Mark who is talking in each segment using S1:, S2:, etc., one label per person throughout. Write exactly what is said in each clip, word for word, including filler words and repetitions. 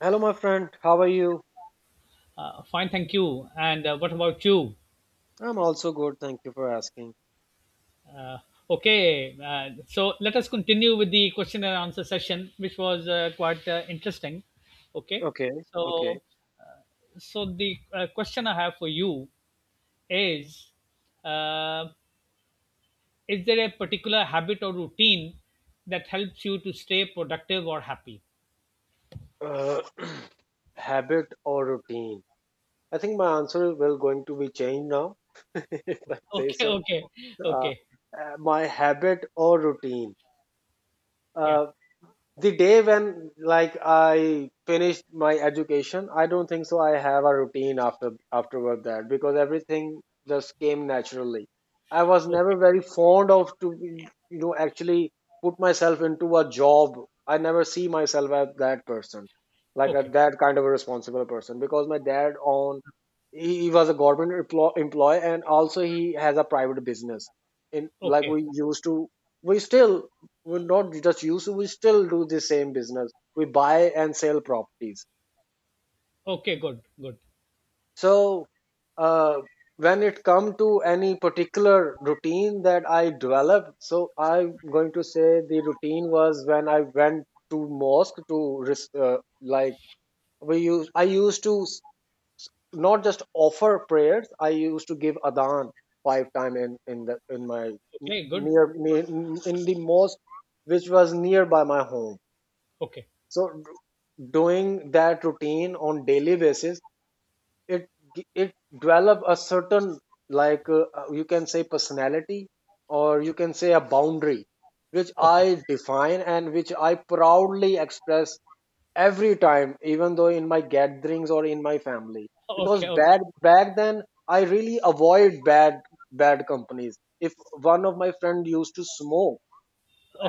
S1: Hello, my friend. How are you?
S2: Uh, fine, thank you. And uh, what about you?
S1: I'm also good. Thank you for asking.
S2: Uh, okay, uh, so let us continue with the question and answer session, which was uh, quite uh, interesting. Okay,
S1: Okay, okay.
S2: so so the uh, question I have for you is: uh, Is there a particular habit or routine that helps you to stay productive or happy?
S1: Uh, habit or routine? I think my answer will going to be changed now, if I say
S2: Okay,
S1: so.
S2: okay,
S1: Uh,
S2: okay,
S1: uh, my habit or routine?
S2: yeah,
S1: Uh, the day when like i finished my education i don't think so i have a routine after afterward that because everything just came naturally. I was never
S2: okay,
S1: very fond of to you know actually put myself into a job. I never see myself as that person like a,
S2: okay,
S1: that kind of a responsible person because my dad on he, he was a government emplo- employee, and also he has a private business in, like,
S2: okay,
S1: we used to, we still, we not just use. To We still do the same business. We buy and sell properties.
S2: okay, good, good,
S1: So uh, when it come to any particular routine that i developed, so I'm going to say the routine was when i went to mosque to res- uh, like, we use i used to s- not just offer prayers, i used to give adhan five time in in the in my
S2: okay, good,
S1: near, near in the mosque, which was nearby my home.
S2: okay,
S1: So doing that routine on daily basis, it it develop a certain, like, uh, uh, you can say personality, or you can say a boundary which
S2: okay,
S1: i define and which i proudly express every time, even though in my gatherings or in my family, because
S2: okay, okay,
S1: back back then i really avoid bad bad companies. If one of my friend used to smoke,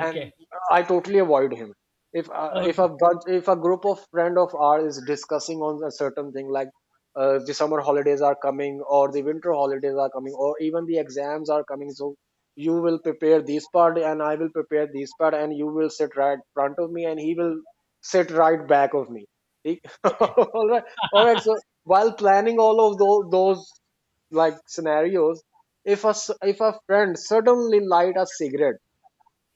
S1: and I totally avoid him. If uh, if a
S2: okay,
S1: bunch, if a group of friend of ours is discussing on a certain thing, like uh, the summer holidays are coming, or the winter holidays are coming, or even the exams are coming, so you will prepare this part and I will prepare this part, and you will sit right front of me and he will sit right back of me. He-
S2: okay,
S1: all right, all right. So while planning all of those those like scenarios, if a s- if a friend suddenly light a cigarette,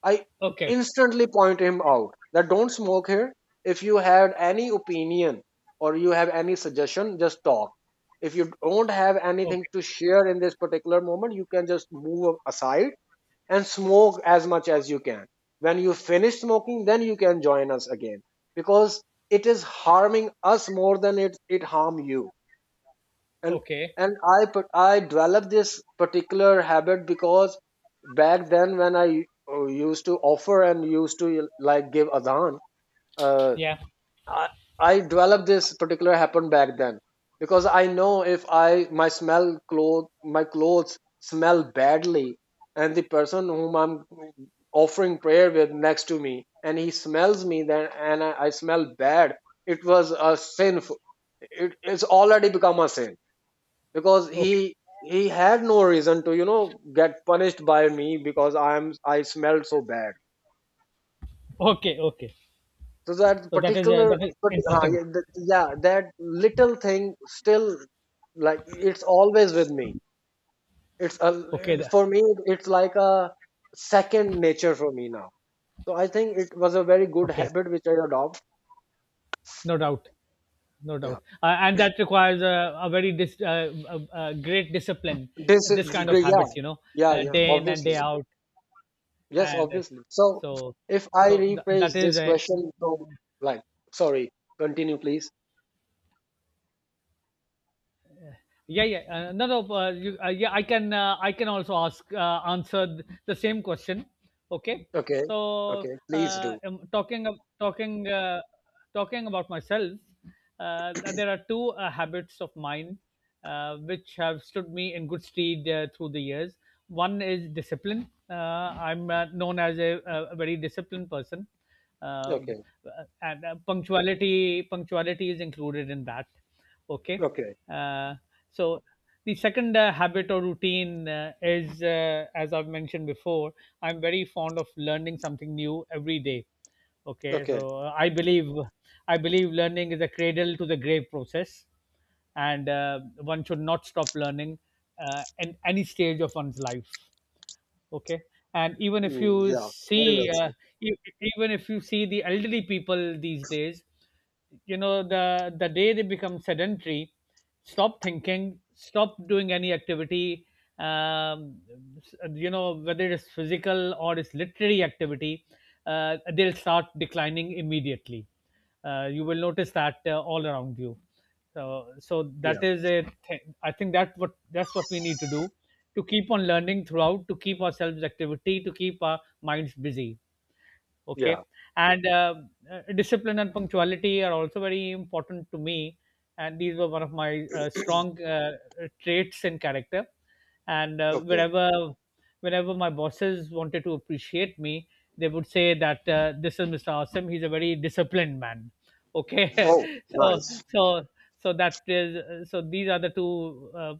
S1: I
S2: okay,
S1: instantly point him out that don't smoke here. If you had any opinion or you have any suggestion, just talk. If you don't have anything
S2: okay,
S1: to share in this particular moment, you can just move aside and smoke as much as you can. When you finish smoking, then you can join us again because it is harming us more than it, it harm you. And
S2: okay,
S1: and i put- i developed this particular habit because back then when i uh, used to offer and used to like give adhan. uh,
S2: yeah,
S1: I, I developed this particular habit back then because i know if I my smell cloth my clothes smell badly, and the person whom i'm offering prayer with next to me, and he smells me, then and i, I smell bad, it was a sin. It, it's already become a sin because
S2: okay,
S1: he he had no reason to you know get punished by me because i'm I smelled so bad.
S2: okay, okay.
S1: So that
S2: So that is uh,
S1: particular
S2: that is
S1: but uh,
S2: interesting.
S1: yeah, that, yeah, that little thing still, like, it's always with me. it's a,
S2: Okay.
S1: it-
S2: tha-
S1: for me, it's like a second nature for me now. So i think it was a very good
S2: Okay.
S1: habit which i adopt.
S2: No doubt. No
S1: Yeah,
S2: doubt. Uh, and that requires a, a very dis, uh, a, a great discipline.
S1: this
S2: This
S1: is
S2: kind of
S1: great. Yeah,
S2: habit, you know,
S1: yeah,
S2: uh,
S1: yeah,
S2: day in and
S1: obviously.
S2: day out,
S1: Yes,
S2: and uh,
S1: obviously. So
S2: so
S1: if I
S2: so th-
S1: rephrase
S2: that is
S1: this
S2: a.
S1: question from, like, sorry, continue, please.
S2: Yeah, yeah. Uh, no, no. Uh, you, uh, yeah, I can. Uh, I can also ask uh, answer th- the same question. Okay.
S1: Okay,
S2: So,
S1: okay, please
S2: uh,
S1: do.
S2: um, talking ab- talking uh, talking about myself, uh, there are two uh, habits of mine uh, which have stood me in good stead uh, through the years. One is discipline. Uh, I'm uh, known as a, a very disciplined person, um,
S1: Okay,
S2: uh, and uh, punctuality punctuality is included in that. Okay.
S1: okay,
S2: uh, so the second uh, habit or routine uh, is, uh, as I've mentioned before, I'm very fond of learning something new every day. Okay.
S1: okay.
S2: So uh, i believe i believe learning is a cradle to the grave process, and uh, one should not stop learning uh, in any stage of one's life. Okay. And even if
S1: Mm,
S2: you
S1: yeah, very
S2: see
S1: well
S2: uh,
S1: said.
S2: e- even if you see the elderly people these days, you know, the the day they become sedentary, stop thinking, stop doing any activity, um, you know, whether it's physical or it's literary activity, uh, they'll start declining immediately. Uh, you will notice that uh, all around you. So so that
S1: Yeah,
S2: is a th- I think that what that's what we need to do: to keep on learning throughout, to keep ourselves activity, to keep our minds busy. Okay.
S1: yeah,
S2: And uh, uh, discipline and punctuality are also very important to me, and these were one of my uh, strong uh, traits in character. And uh,
S1: okay.
S2: wherever whenever my bosses wanted to appreciate me, they would say that uh, this is Mr. Awesome, he's a very disciplined man. Okay.
S1: Oh,
S2: so
S1: nice.
S2: so so that is uh, so these are the two uh,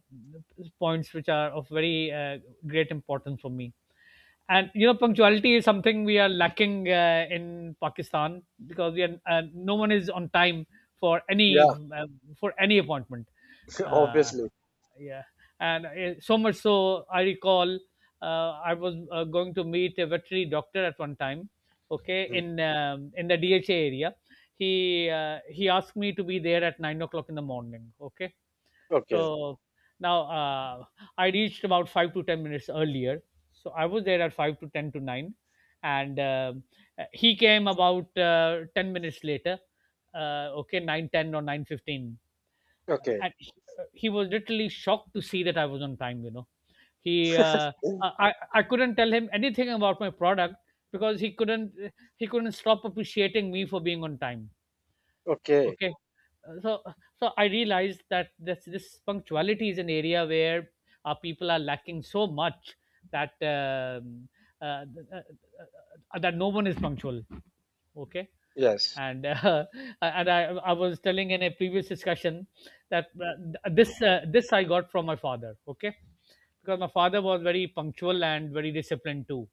S2: points which are of very uh, great importance for me. And, you know, punctuality is something we are lacking uh, in Pakistan, because we are uh, no one is on time for any
S1: Yeah,
S2: uh, for any appointment. uh,
S1: obviously.
S2: yeah. And uh, so much so, I recall, uh, I was uh, going to meet a veterinary doctor at one time. Okay,
S1: Mm,
S2: in um, in the DHA area. He uh, he asked me to be there at nine o'clock in the morning. Okay.
S1: okay,
S2: So now uh, I reached about five to ten minutes earlier. So I was there at five to ten to nine, and uh, he came about uh, ten minutes later. Uh, okay, nine ten or nine fifteen,
S1: okay,
S2: and he, he was literally shocked to see that I was on time. You know, he uh, I I couldn't tell him anything about my product, because he couldn't he couldn't stop appreciating me for being on time.
S1: okay.
S2: Okay. Uh, so so I realized that this this punctuality is an area where our people are lacking so much, that um, uh, th- uh, uh, that no one is punctual. Okay.
S1: Yes,
S2: And uh, and I, I was telling in a previous discussion that uh, th- this uh, this I got from my father. Okay. Because my father was very punctual and very disciplined too.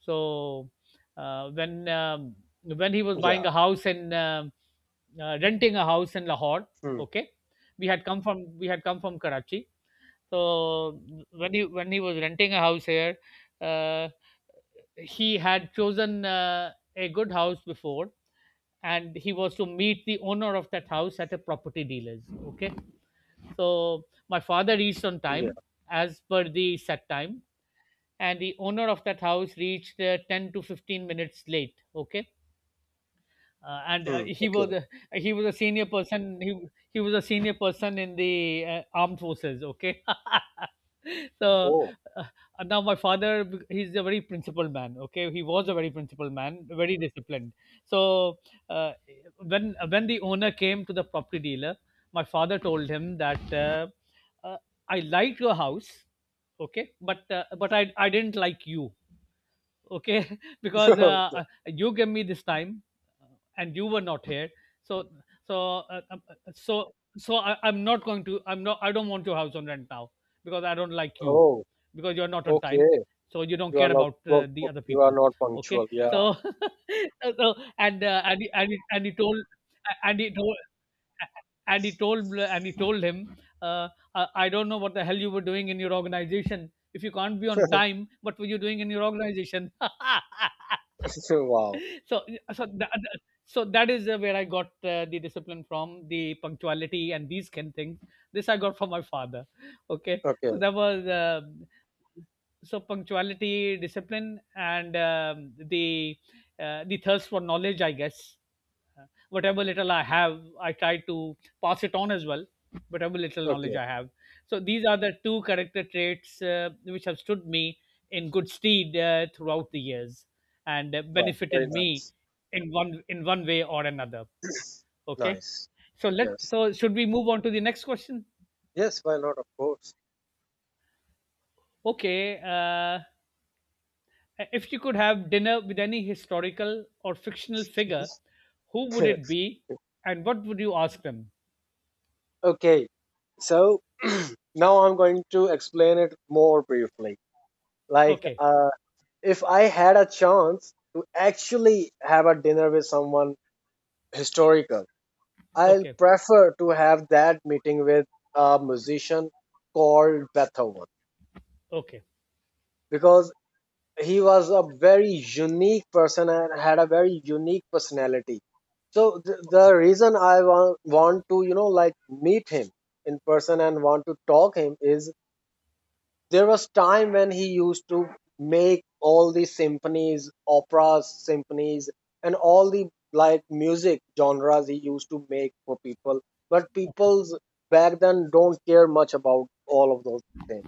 S2: So uh, when um, when he was buying
S1: yeah,
S2: a house in um uh, renting a house in Lahore.
S1: mm,
S2: Okay. We had come from we had come from Karachi. So when he when he was renting a house here, uh, he had chosen uh, a good house before, and he was to meet the owner of that house at a property dealer's. Okay. So my father reached on
S1: yeah,
S2: time, as per the set time, and the owner of that house reached uh, ten to fifteen minutes late. Okay. uh, and uh,
S1: mm,
S2: he
S1: okay.
S2: was a, He was a senior person, he he was a senior person in the uh, armed forces. Okay. so
S1: Oh,
S2: uh, and now my father, he's a very principled man. Okay. He was a very principled man, very disciplined. So uh, when when the owner came to the property dealer, my father told him that, uh, uh, I liked your house. Okay. But uh, but i i didn't like you. Okay. Because uh, uh, you gave me this time, uh, and you were not here. So so uh, um, uh, uh, so so I, I'm not going to I'm not I don't want your house on rent now, because I don't like you,
S1: oh,
S2: because you're not on time.
S1: okay.
S2: So you don't
S1: You are
S2: care
S1: not,
S2: about uh,
S1: not-
S2: the other
S1: you are
S2: people.
S1: not
S2: Okay.
S1: punctual. Yeah.
S2: So so so- and uh, and he- and he, and he told and he told and he told and he told him, uh, i I don't know what the hell you were doing in your organization. If you can't be on time, what were you doing in your organization?
S1: Wow.
S2: so so that, so that is uh, where I got uh, the discipline from, the punctuality and these kind things. This I got from my father. Okay. so
S1: Okay,
S2: that was uh, so punctuality, discipline, and um, the uh, the thirst for knowledge, I guess. Uh, whatever little I have, I try to pass it on as well. Whatever little knowledge
S1: okay.
S2: I have. So these are the two character traits uh, which have stood me in good stead uh, throughout the years and uh,
S1: Wow, very
S2: benefited me
S1: nice.
S2: in one in one way or another. Okay.
S1: Nice.
S2: So let
S1: Yes.
S2: so should we move on to the next question?
S1: Yes, why not? Of course.
S2: Okay. Uh, if you could have dinner with any historical or fictional figure, who would it be, and what would you ask them?
S1: Okay. So now I'm going to explain it more briefly. Like,
S2: Okay.
S1: uh, if I had a chance to actually have a dinner with someone historical, I'll
S2: Okay.
S1: prefer to have that meeting with a musician called Beethoven
S2: Okay.
S1: because he was a very unique person and had a very unique personality. So the, the reason i want, want to you know like meet him in person and want to talk him is there was time when he used to make all the symphonies operas, symphonies, and all the like music genres he used to make for people. But
S2: Okay.
S1: people's back then don't care much about all of those things.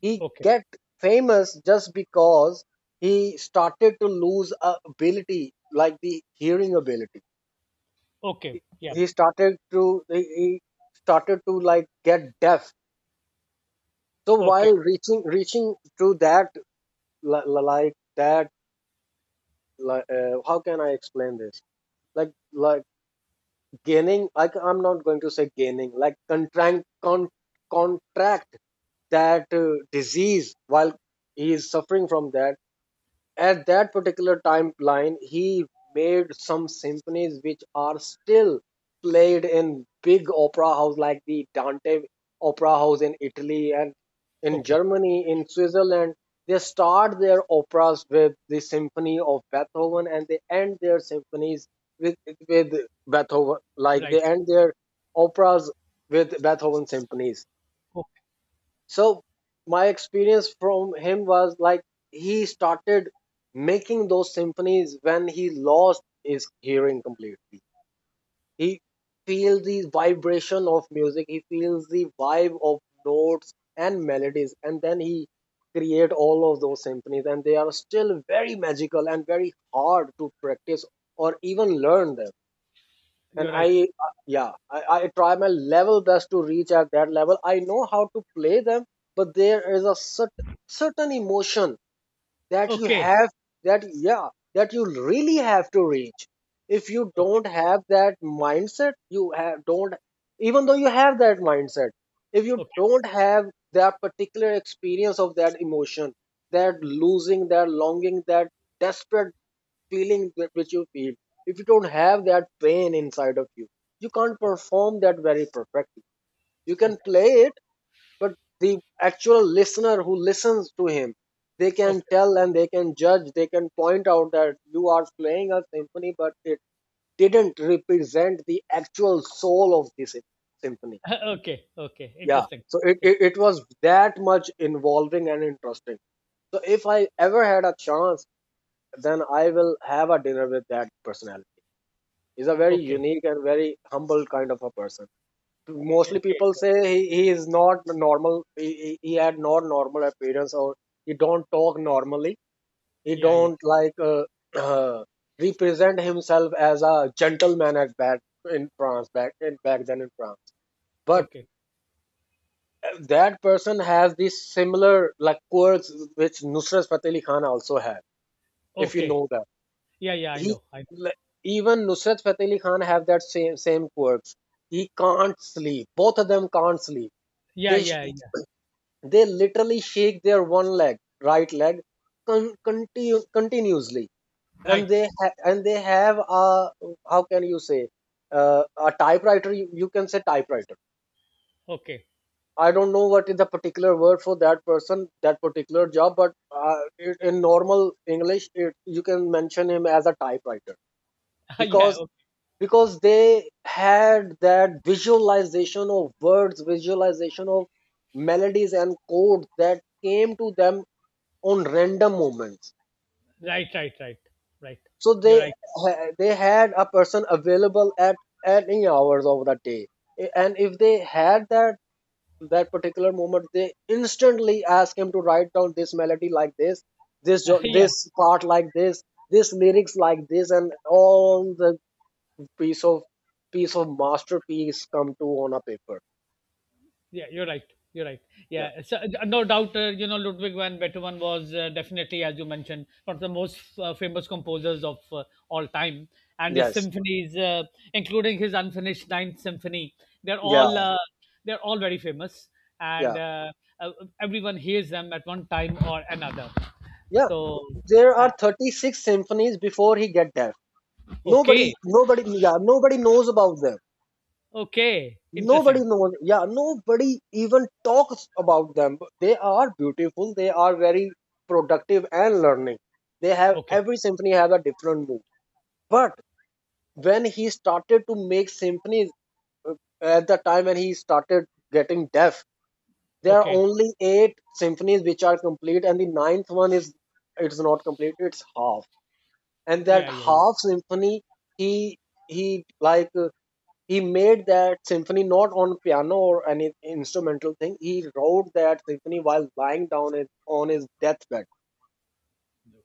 S1: He
S2: Okay.
S1: get famous just because he started to lose a ability, like the hearing ability. he
S2: Okay. Yeah.
S1: he started to, he he started to like get deaf. So
S2: Okay.
S1: while reaching reaching to that, li- li- like that, like, uh, how can i explain this, like like gaining, like, I'm not going to say gaining, like contract con, contract that uh, disease, while he is suffering from that. At that particular timeline, he made some symphonies which are still played in big opera house like the Dante Opera House in Italy, and in
S2: Okay.
S1: Germany, in Switzerland. They start their operas with the symphony of Beethoven, and they end their symphonies with with Beethoven. Like they
S2: Right.
S1: end their operas with Beethoven symphonies.
S2: Okay.
S1: So my experience from him was like he started making those symphonies when he lost his hearing completely. He feels the vibration of music, he feels the vibe of notes and melodies, and then he create all of those symphonies, and they are still very magical and very hard to practice or even learn them. And
S2: You're right.
S1: i uh, yeah I, I try my level best to reach at that level. I know how to play them, but there is a cert- certain emotion that you
S2: Okay.
S1: have, that yeah, that you really have to reach. If you
S2: Okay.
S1: don't have that mindset, you have don't, even though you have that mindset, if you
S2: Okay.
S1: don't have that particular experience of that emotion, that losing, that longing, that desperate feeling that which you feel, if you don't have that pain inside of you, you can't perform that very perfectly. You can
S2: Okay.
S1: play it, but the actual listener who listens to him, they
S2: Okay.
S1: can
S2: Okay.
S1: tell and they can judge, they can point out that you are playing a symphony, but it didn't represent the actual soul of the sym- symphony.
S2: Okay. Okay.
S1: Yeah.
S2: Interesting.
S1: So it, it, it was that much involving and interesting. So if I ever had a chance, then I will have a dinner with that personality. He's a very
S2: Okay.
S1: unique and very humble kind of a person. Mostly
S2: Okay.
S1: people
S2: Good.
S1: say he, he is not normal. He, he he had not normal appearance, or he don't talk normally. He
S2: Yeah. Yeah.
S1: don't like uh, uh, represent himself as a gentleman at back in France, back in back then in France. But
S2: Okay.
S1: uh, that person has these similar like quirks which Nusrat Fateh Ali Khan also had. If you
S2: Okay.
S1: know that.
S2: Yeah. Yeah. I
S1: he
S2: know. I know.
S1: like, Even Nusrat Fateh Ali Khan have that same same quirks. He can't sleep. Both of them can't sleep.
S2: Yeah.
S1: They sh-
S2: Yeah. Yeah.
S1: they literally shake their one leg, right leg, con- continu- continuously,
S2: Right.
S1: and they ha- and they have a, how can you say, uh, a typewriter. You, you can say typewriter.
S2: Okay.
S1: I don't know what is the particular word for that person, that particular job, but uh, in in normal English, it, you can mention him as a typewriter
S2: Yeah.
S1: because
S2: Okay.
S1: because they had that visualization of words, visualization of melodies and chords that came to them on random moments.
S2: Right. Right. Right. Right.
S1: So
S2: You're
S1: they
S2: right.
S1: they had a person available at any hours of the day, and if they had that, that particular moment, they instantly ask him to write down this melody like this this jo-
S2: Yeah.
S1: this part like this this lyrics like this, and all the piece of piece of masterpiece come to on a paper.
S2: Yeah, you're right. You're right.
S1: Yeah,
S2: Yeah, so, uh, no doubt. Uh, you know, Ludwig van Beethoven was, uh, definitely, as you mentioned, one of the most uh, famous composers of uh, all time, and his
S1: yes,
S2: symphonies, uh, including his unfinished Ninth Symphony, they're
S1: yeah,
S2: all uh, they're all very famous, and
S1: yeah,
S2: uh, uh, everyone hears them at one time or another.
S1: yeah.
S2: So,
S1: There are
S2: uh,
S1: thirty-six symphonies before he get deaf. nobody
S2: okay,
S1: nobody yeah, nobody knows about them.
S2: okay,
S1: Nobody
S2: interesting.
S1: knows, yeah, nobody even talks about them. But they are beautiful, they are very productive and learning. They have
S2: Okay,
S1: every symphony has a different mood. But when he started to make symphonies, uh, at the time when he started getting deaf, there are
S2: okay,
S1: only eight symphonies which are complete, and the ninth one is, it's not complete; it's half. And that
S2: yeah, yeah, yeah.
S1: half symphony, he he like uh, he made that symphony not on piano or any instrumental thing. He wrote that symphony while lying down in, on his deathbed.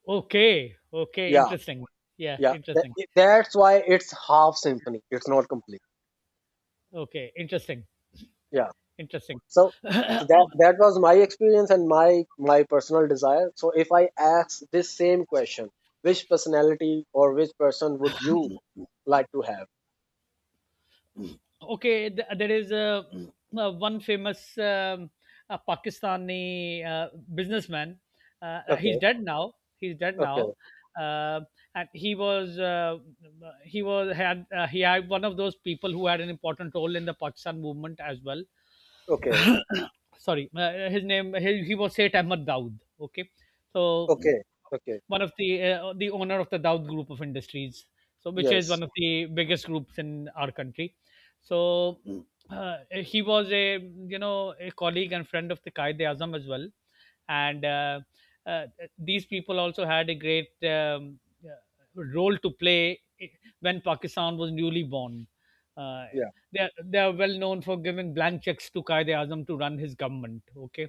S2: Okay, okay,
S1: Yeah,
S2: interesting. Yeah,
S1: yeah. That,
S2: interesting.
S1: that's why it's half symphony. It's not complete.
S2: Okay, interesting,
S1: Yeah.
S2: interesting.
S1: So so that that was my experience and my my personal desire. So if I ask this same question, which personality or which person would you like to have?
S2: Okay. Th- there is a, uh, one famous, um, uh Pakistani uh, businessman. Uh, he's
S1: Okay,
S2: dead now. He's dead
S1: okay,
S2: now, uh, and he was uh, he was had uh, he had one of those people who had an important role in the Pakistan movement as well.
S1: okay,
S2: Sorry, uh, his name, he, he was Seth Ahmed Daud. Okay. So,
S1: okay, okay.
S2: one of the uh, the owner of the Daud Group of Industries, so which is
S1: Yes,
S2: one of the biggest groups in our country. So uh, he was a you know a colleague and friend of the Qaeda Azam as well, and uh, uh, these people also had a great um, uh, role to play when Pakistan was newly born. Uh,
S1: yeah,
S2: they are, they are well known for giving blank checks to Qaeda Azam to run his government. Okay.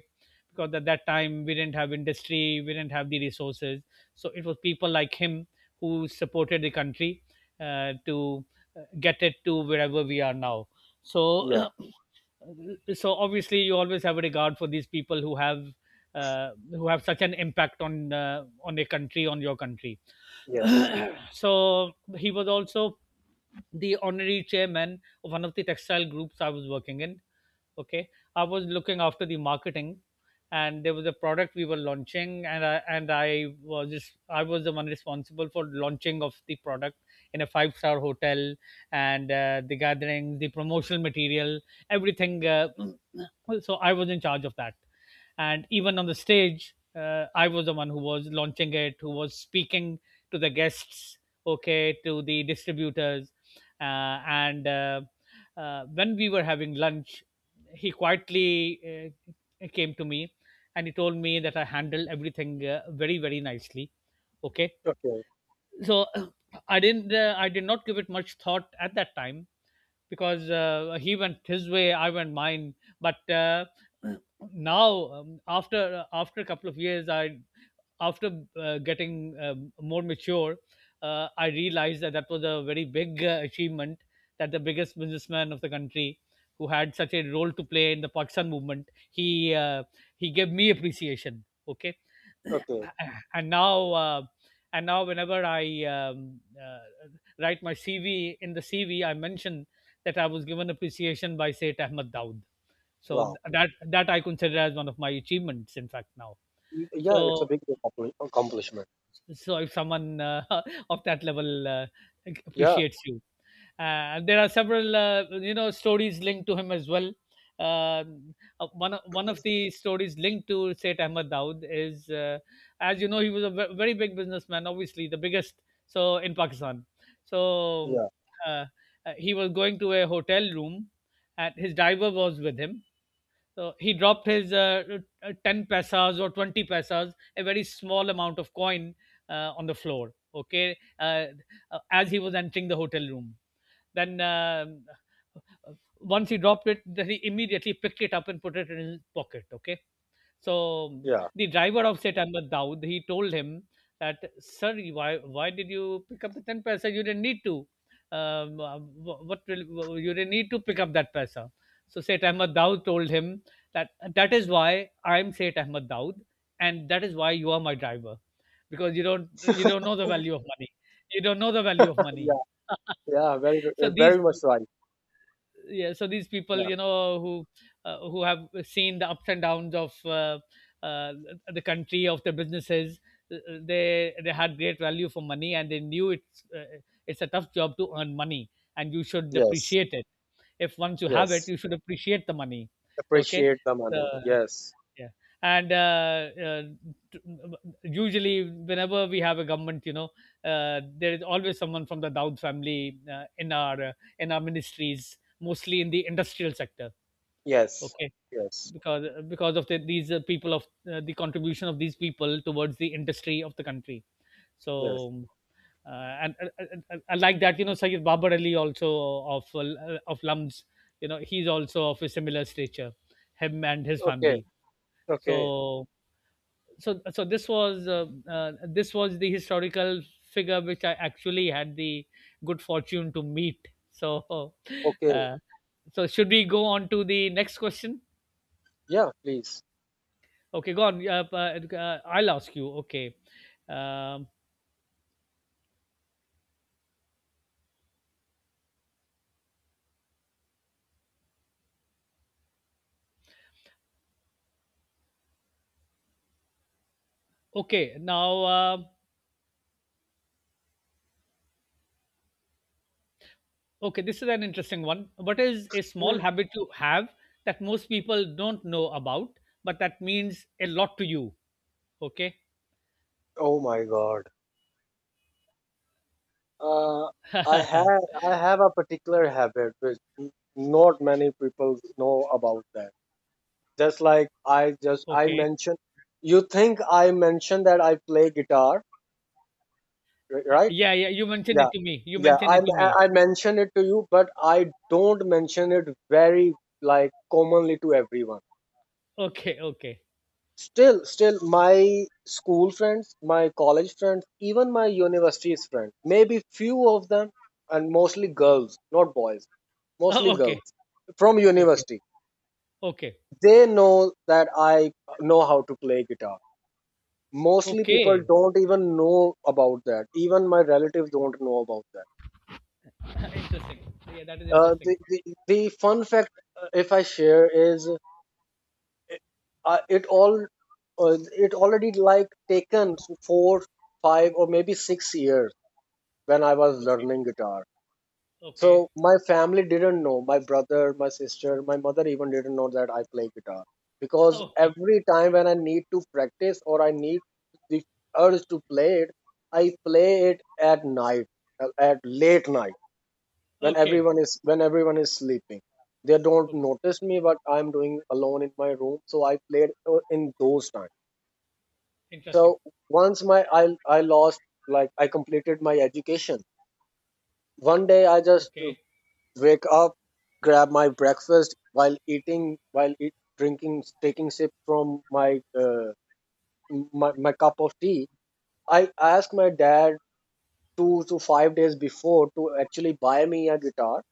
S2: Because at that time we didn't have industry, we didn't have the resources, so it was people like him who supported the country uh, to uh, get it to wherever we are now.
S1: yeah,
S2: So, so obviously, you always have a regard for these people who have uh, who have such an impact on uh, on a country, on your country.
S1: yes.
S2: So he was also the honorary chairman of one of the textile groups I was working in. Okay. I was looking after the marketing, and there was a product we were launching, and i and i was just I was the one responsible for launching of the product in a five star hotel, and uh, the gathering, the promotional material, everything. Uh, so I was in charge of that, and even on the stage uh, I was the one who was launching it, who was speaking to the guests, okay, to the distributors. Uh, and uh, uh, When we were having lunch, he quietly uh, came to me and he told me that I handled everything uh, very, very nicely. Okay,
S1: Okay,
S2: so I didn't uh, I did not give it much thought at that time because uh, he went his way, I went mine. But uh, now um, after uh, after a couple of years, I after uh, getting uh, more mature, uh, I realized that that was a very big uh, achievement, that the biggest businessman of the country, who had such a role to play in the Pakistan movement, he uh, he gave me appreciation. Okay,
S1: okay.
S2: and now uh, and now whenever I um, uh, write my C V. In the C V, I mention that I was given appreciation by Sayyid Ahmad Daud. So th-
S1: Wow.
S2: that that I consider as one of my achievements. In fact, now,
S1: Y- Yeah, it's a
S2: so
S1: big accompli- accomplishment.
S2: so if someone uh, of that level uh,
S1: Yeah,
S2: appreciates you. Uh, there are several uh, you know stories linked to him as well. Um, uh, one of- One of the stories linked to Sayyid Ahmed Dawood is, uh, as you know, he was a ve- very big businessman, obviously the biggest, so in Pakistan. So
S1: yeah,
S2: uh, uh, he was going to a hotel room, and his driver was with him, so he dropped his uh, uh, ten pesos or twenty pesos, a very small amount of coin, uh, on the floor, okay, uh, uh, as he was entering the hotel room. Then, um, once he dropped it, then he immediately picked it up and put it in his pocket, okay. So
S1: yeah,
S2: the driver of Setamat Daud, he told him that, sir, why, why did you pick up the ten paisa? You didn't need to. Um, uh, wh- what will, you didn't need to pick up that paisa. So Seth Ahmad Daud told him that that is why I'm Seth Ahmad Daud, and that is why you are my driver, because you don't you don't know the value of money. You don't know the value of
S1: yeah,
S2: money.
S1: yeah. Very, good-
S2: so
S1: uh,
S2: these
S1: very much right.
S2: yeah, so these people,
S1: Yeah.
S2: you know, who uh, who have seen the ups and downs of uh, uh, the country, of the businesses, uh, uh, they they had great value for money, and they knew it's uh, it's a tough job to earn money, and you should
S1: Yes,
S2: appreciate it. If once you have it,
S1: yes.
S2: you should appreciate the money. Okay.
S1: Appreciate the money.
S2: uh,
S1: Yes,
S2: yeah, and uh, uh, t- m- m- usually whenever we have a government, you know, uh, there is always someone from the Daud family uh, in our uh, in our ministries, mostly in the industrial sector.
S1: yes,
S2: Okay,
S1: yes,
S2: because because of the, these uh, people of uh, the contribution of these people towards the industry of the country.
S1: yes.
S2: So. Uh, and, and, and, and and like that, you know, Sayyid Babar Ali also of uh, of Lums, you know, he's also of a similar stature, him and his
S1: Okay.
S2: family.
S1: Okay,
S2: So so so this was uh, uh, this was the historical figure which I actually had the good fortune to meet. So
S1: okay,
S2: uh, so should we go on to the next question?
S1: yeah, please.
S2: Okay, go on. Uh, uh, uh, I'll ask you. Okay, um, okay. Now, uh, okay. This is an interesting one. What is a small
S1: Mm.
S2: habit you have that most people don't know about, but that means a lot to you? Okay.
S1: Oh my God. Uh, I have I have a particular habit which n- not many people know about that. Just like I just I
S2: okay.
S1: mentioned, you think I mentioned that I play guitar, ri-
S2: Uh,
S1: right?
S2: yeah, yeah. You mentioned
S1: Yeah,
S2: it to me. You
S1: yeah.
S2: mentioned
S1: I
S2: it to me.
S1: I I mentioned it to you, but I don't mention it very like commonly to everyone.
S2: Okay, okay.
S1: Still, still, my school friends, my college friends, even my university's friends, maybe few of them, and mostly girls, not boys, mostly
S2: Oh, okay,
S1: girls from
S2: okay,
S1: university.
S2: okay,
S1: They know that I know how to play guitar. Mostly people
S2: okay.
S1: don't even know about that. Even my relatives don't know about that.
S2: Interesting. Yeah, that is
S1: Uh,
S2: interesting.
S1: the, the, the fun fact, uh, if I share, is uh, uh, it all uh, it already like taken four, five, or maybe six years when I was learning guitar.
S2: Okay,
S1: So my family didn't know, my brother, my sister, my mother even didn't know that I play guitar, because
S2: okay,
S1: every time when I need to practice or I need the urge to play it, I play it at night, uh, at late night, when
S2: okay,
S1: everyone is when everyone is sleeping. They don't
S2: okay.
S1: notice me, but I'm doing alone in my room. So I played uh, in those times.
S2: Interesting.
S1: So once my I I lost like I completed my education. One day I just
S2: Okay,
S1: wake up, grab my breakfast while eating, while eat, drinking, taking sip from my, uh, my my cup of tea. I asked my dad two to five days before to actually buy me a guitar,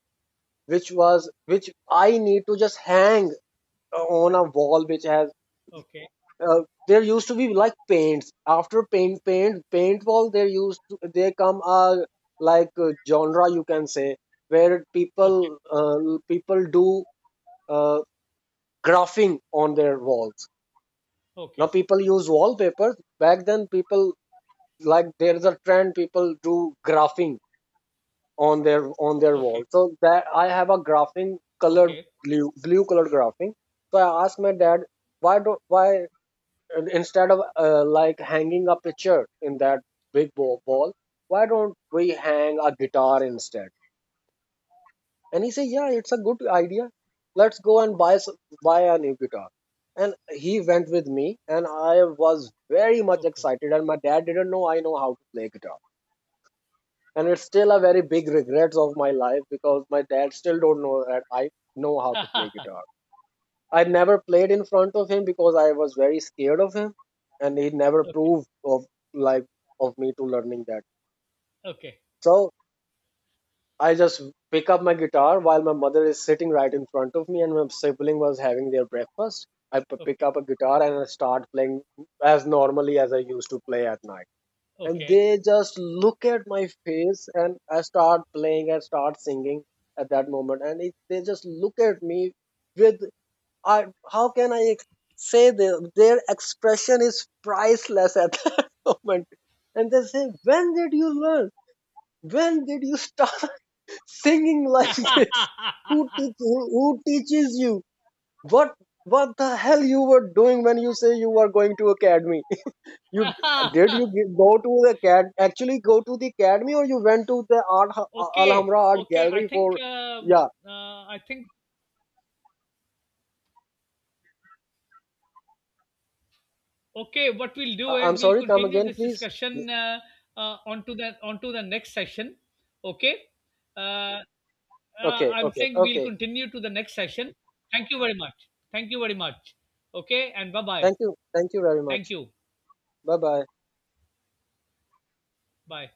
S1: which was which I need to just hang on a wall which has.
S2: okay,
S1: Uh, there used to be like paints after paint paint paint wall. There used to, there come a, like, a genre you can say, where people
S2: okay,
S1: uh, people do uh, graphing on their walls. Now
S2: okay,
S1: people use wallpapers. Back then people, like, there's a trend, people do graphing on their on their
S2: okay,
S1: wall. So that I have a graphing colored,
S2: okay,
S1: blue blue colored graphing. So I asked my dad, why do why and instead of uh, like hanging a picture in that big wa- wall, why don't we hang a guitar instead? And he said, "Yeah, it's a good idea. Let's go and buy s- buy a new guitar." And he went with me, and I was very much
S2: okay.
S1: excited. And my dad didn't know I know how to play guitar, and it's still a very big regrets of my life, because my dad still don't know that I know how to play guitar. I never played in front of him because I was very scared of him, and he never
S2: okay,
S1: proved of like of me to learning that.
S2: okay,
S1: So I just pick up my guitar while my mother is sitting right in front of me and my sibling was having their breakfast. I p-
S2: okay,
S1: pick up
S2: okay.
S1: a guitar and I start playing as normally as I used to play at night. And they just look at my face and I start playing and start singing at that moment. And it, they just look at me with, I, how can I ex- say this? Their expression is priceless at that moment. And they say, when did you learn? When did you start singing like this, who, teach, who, who teaches you, what what the hell you were doing when you say you were going to academy? You d- did you g- go to the acad actually go to the academy, or you went to the art H- Al-
S2: okay,
S1: alhambra art
S2: okay. I
S1: gallery
S2: think
S1: for...
S2: um,
S1: Yeah.
S2: uh, I think okay, what we'll do
S1: I- I'm
S2: is we'll
S1: sorry, come
S2: continue
S1: again
S2: this
S1: please.
S2: discussion uh, uh, onto the onto the next session. Okay, uh, uh,
S1: Okay,
S2: I'm
S1: okay,
S2: saying we'll
S1: okay.
S2: continue to the next session. Thank you very much. Thank you very much. Okay, and bye bye.
S1: Thank you, thank you very much.
S2: Thank you.
S1: Bye bye.
S2: Bye.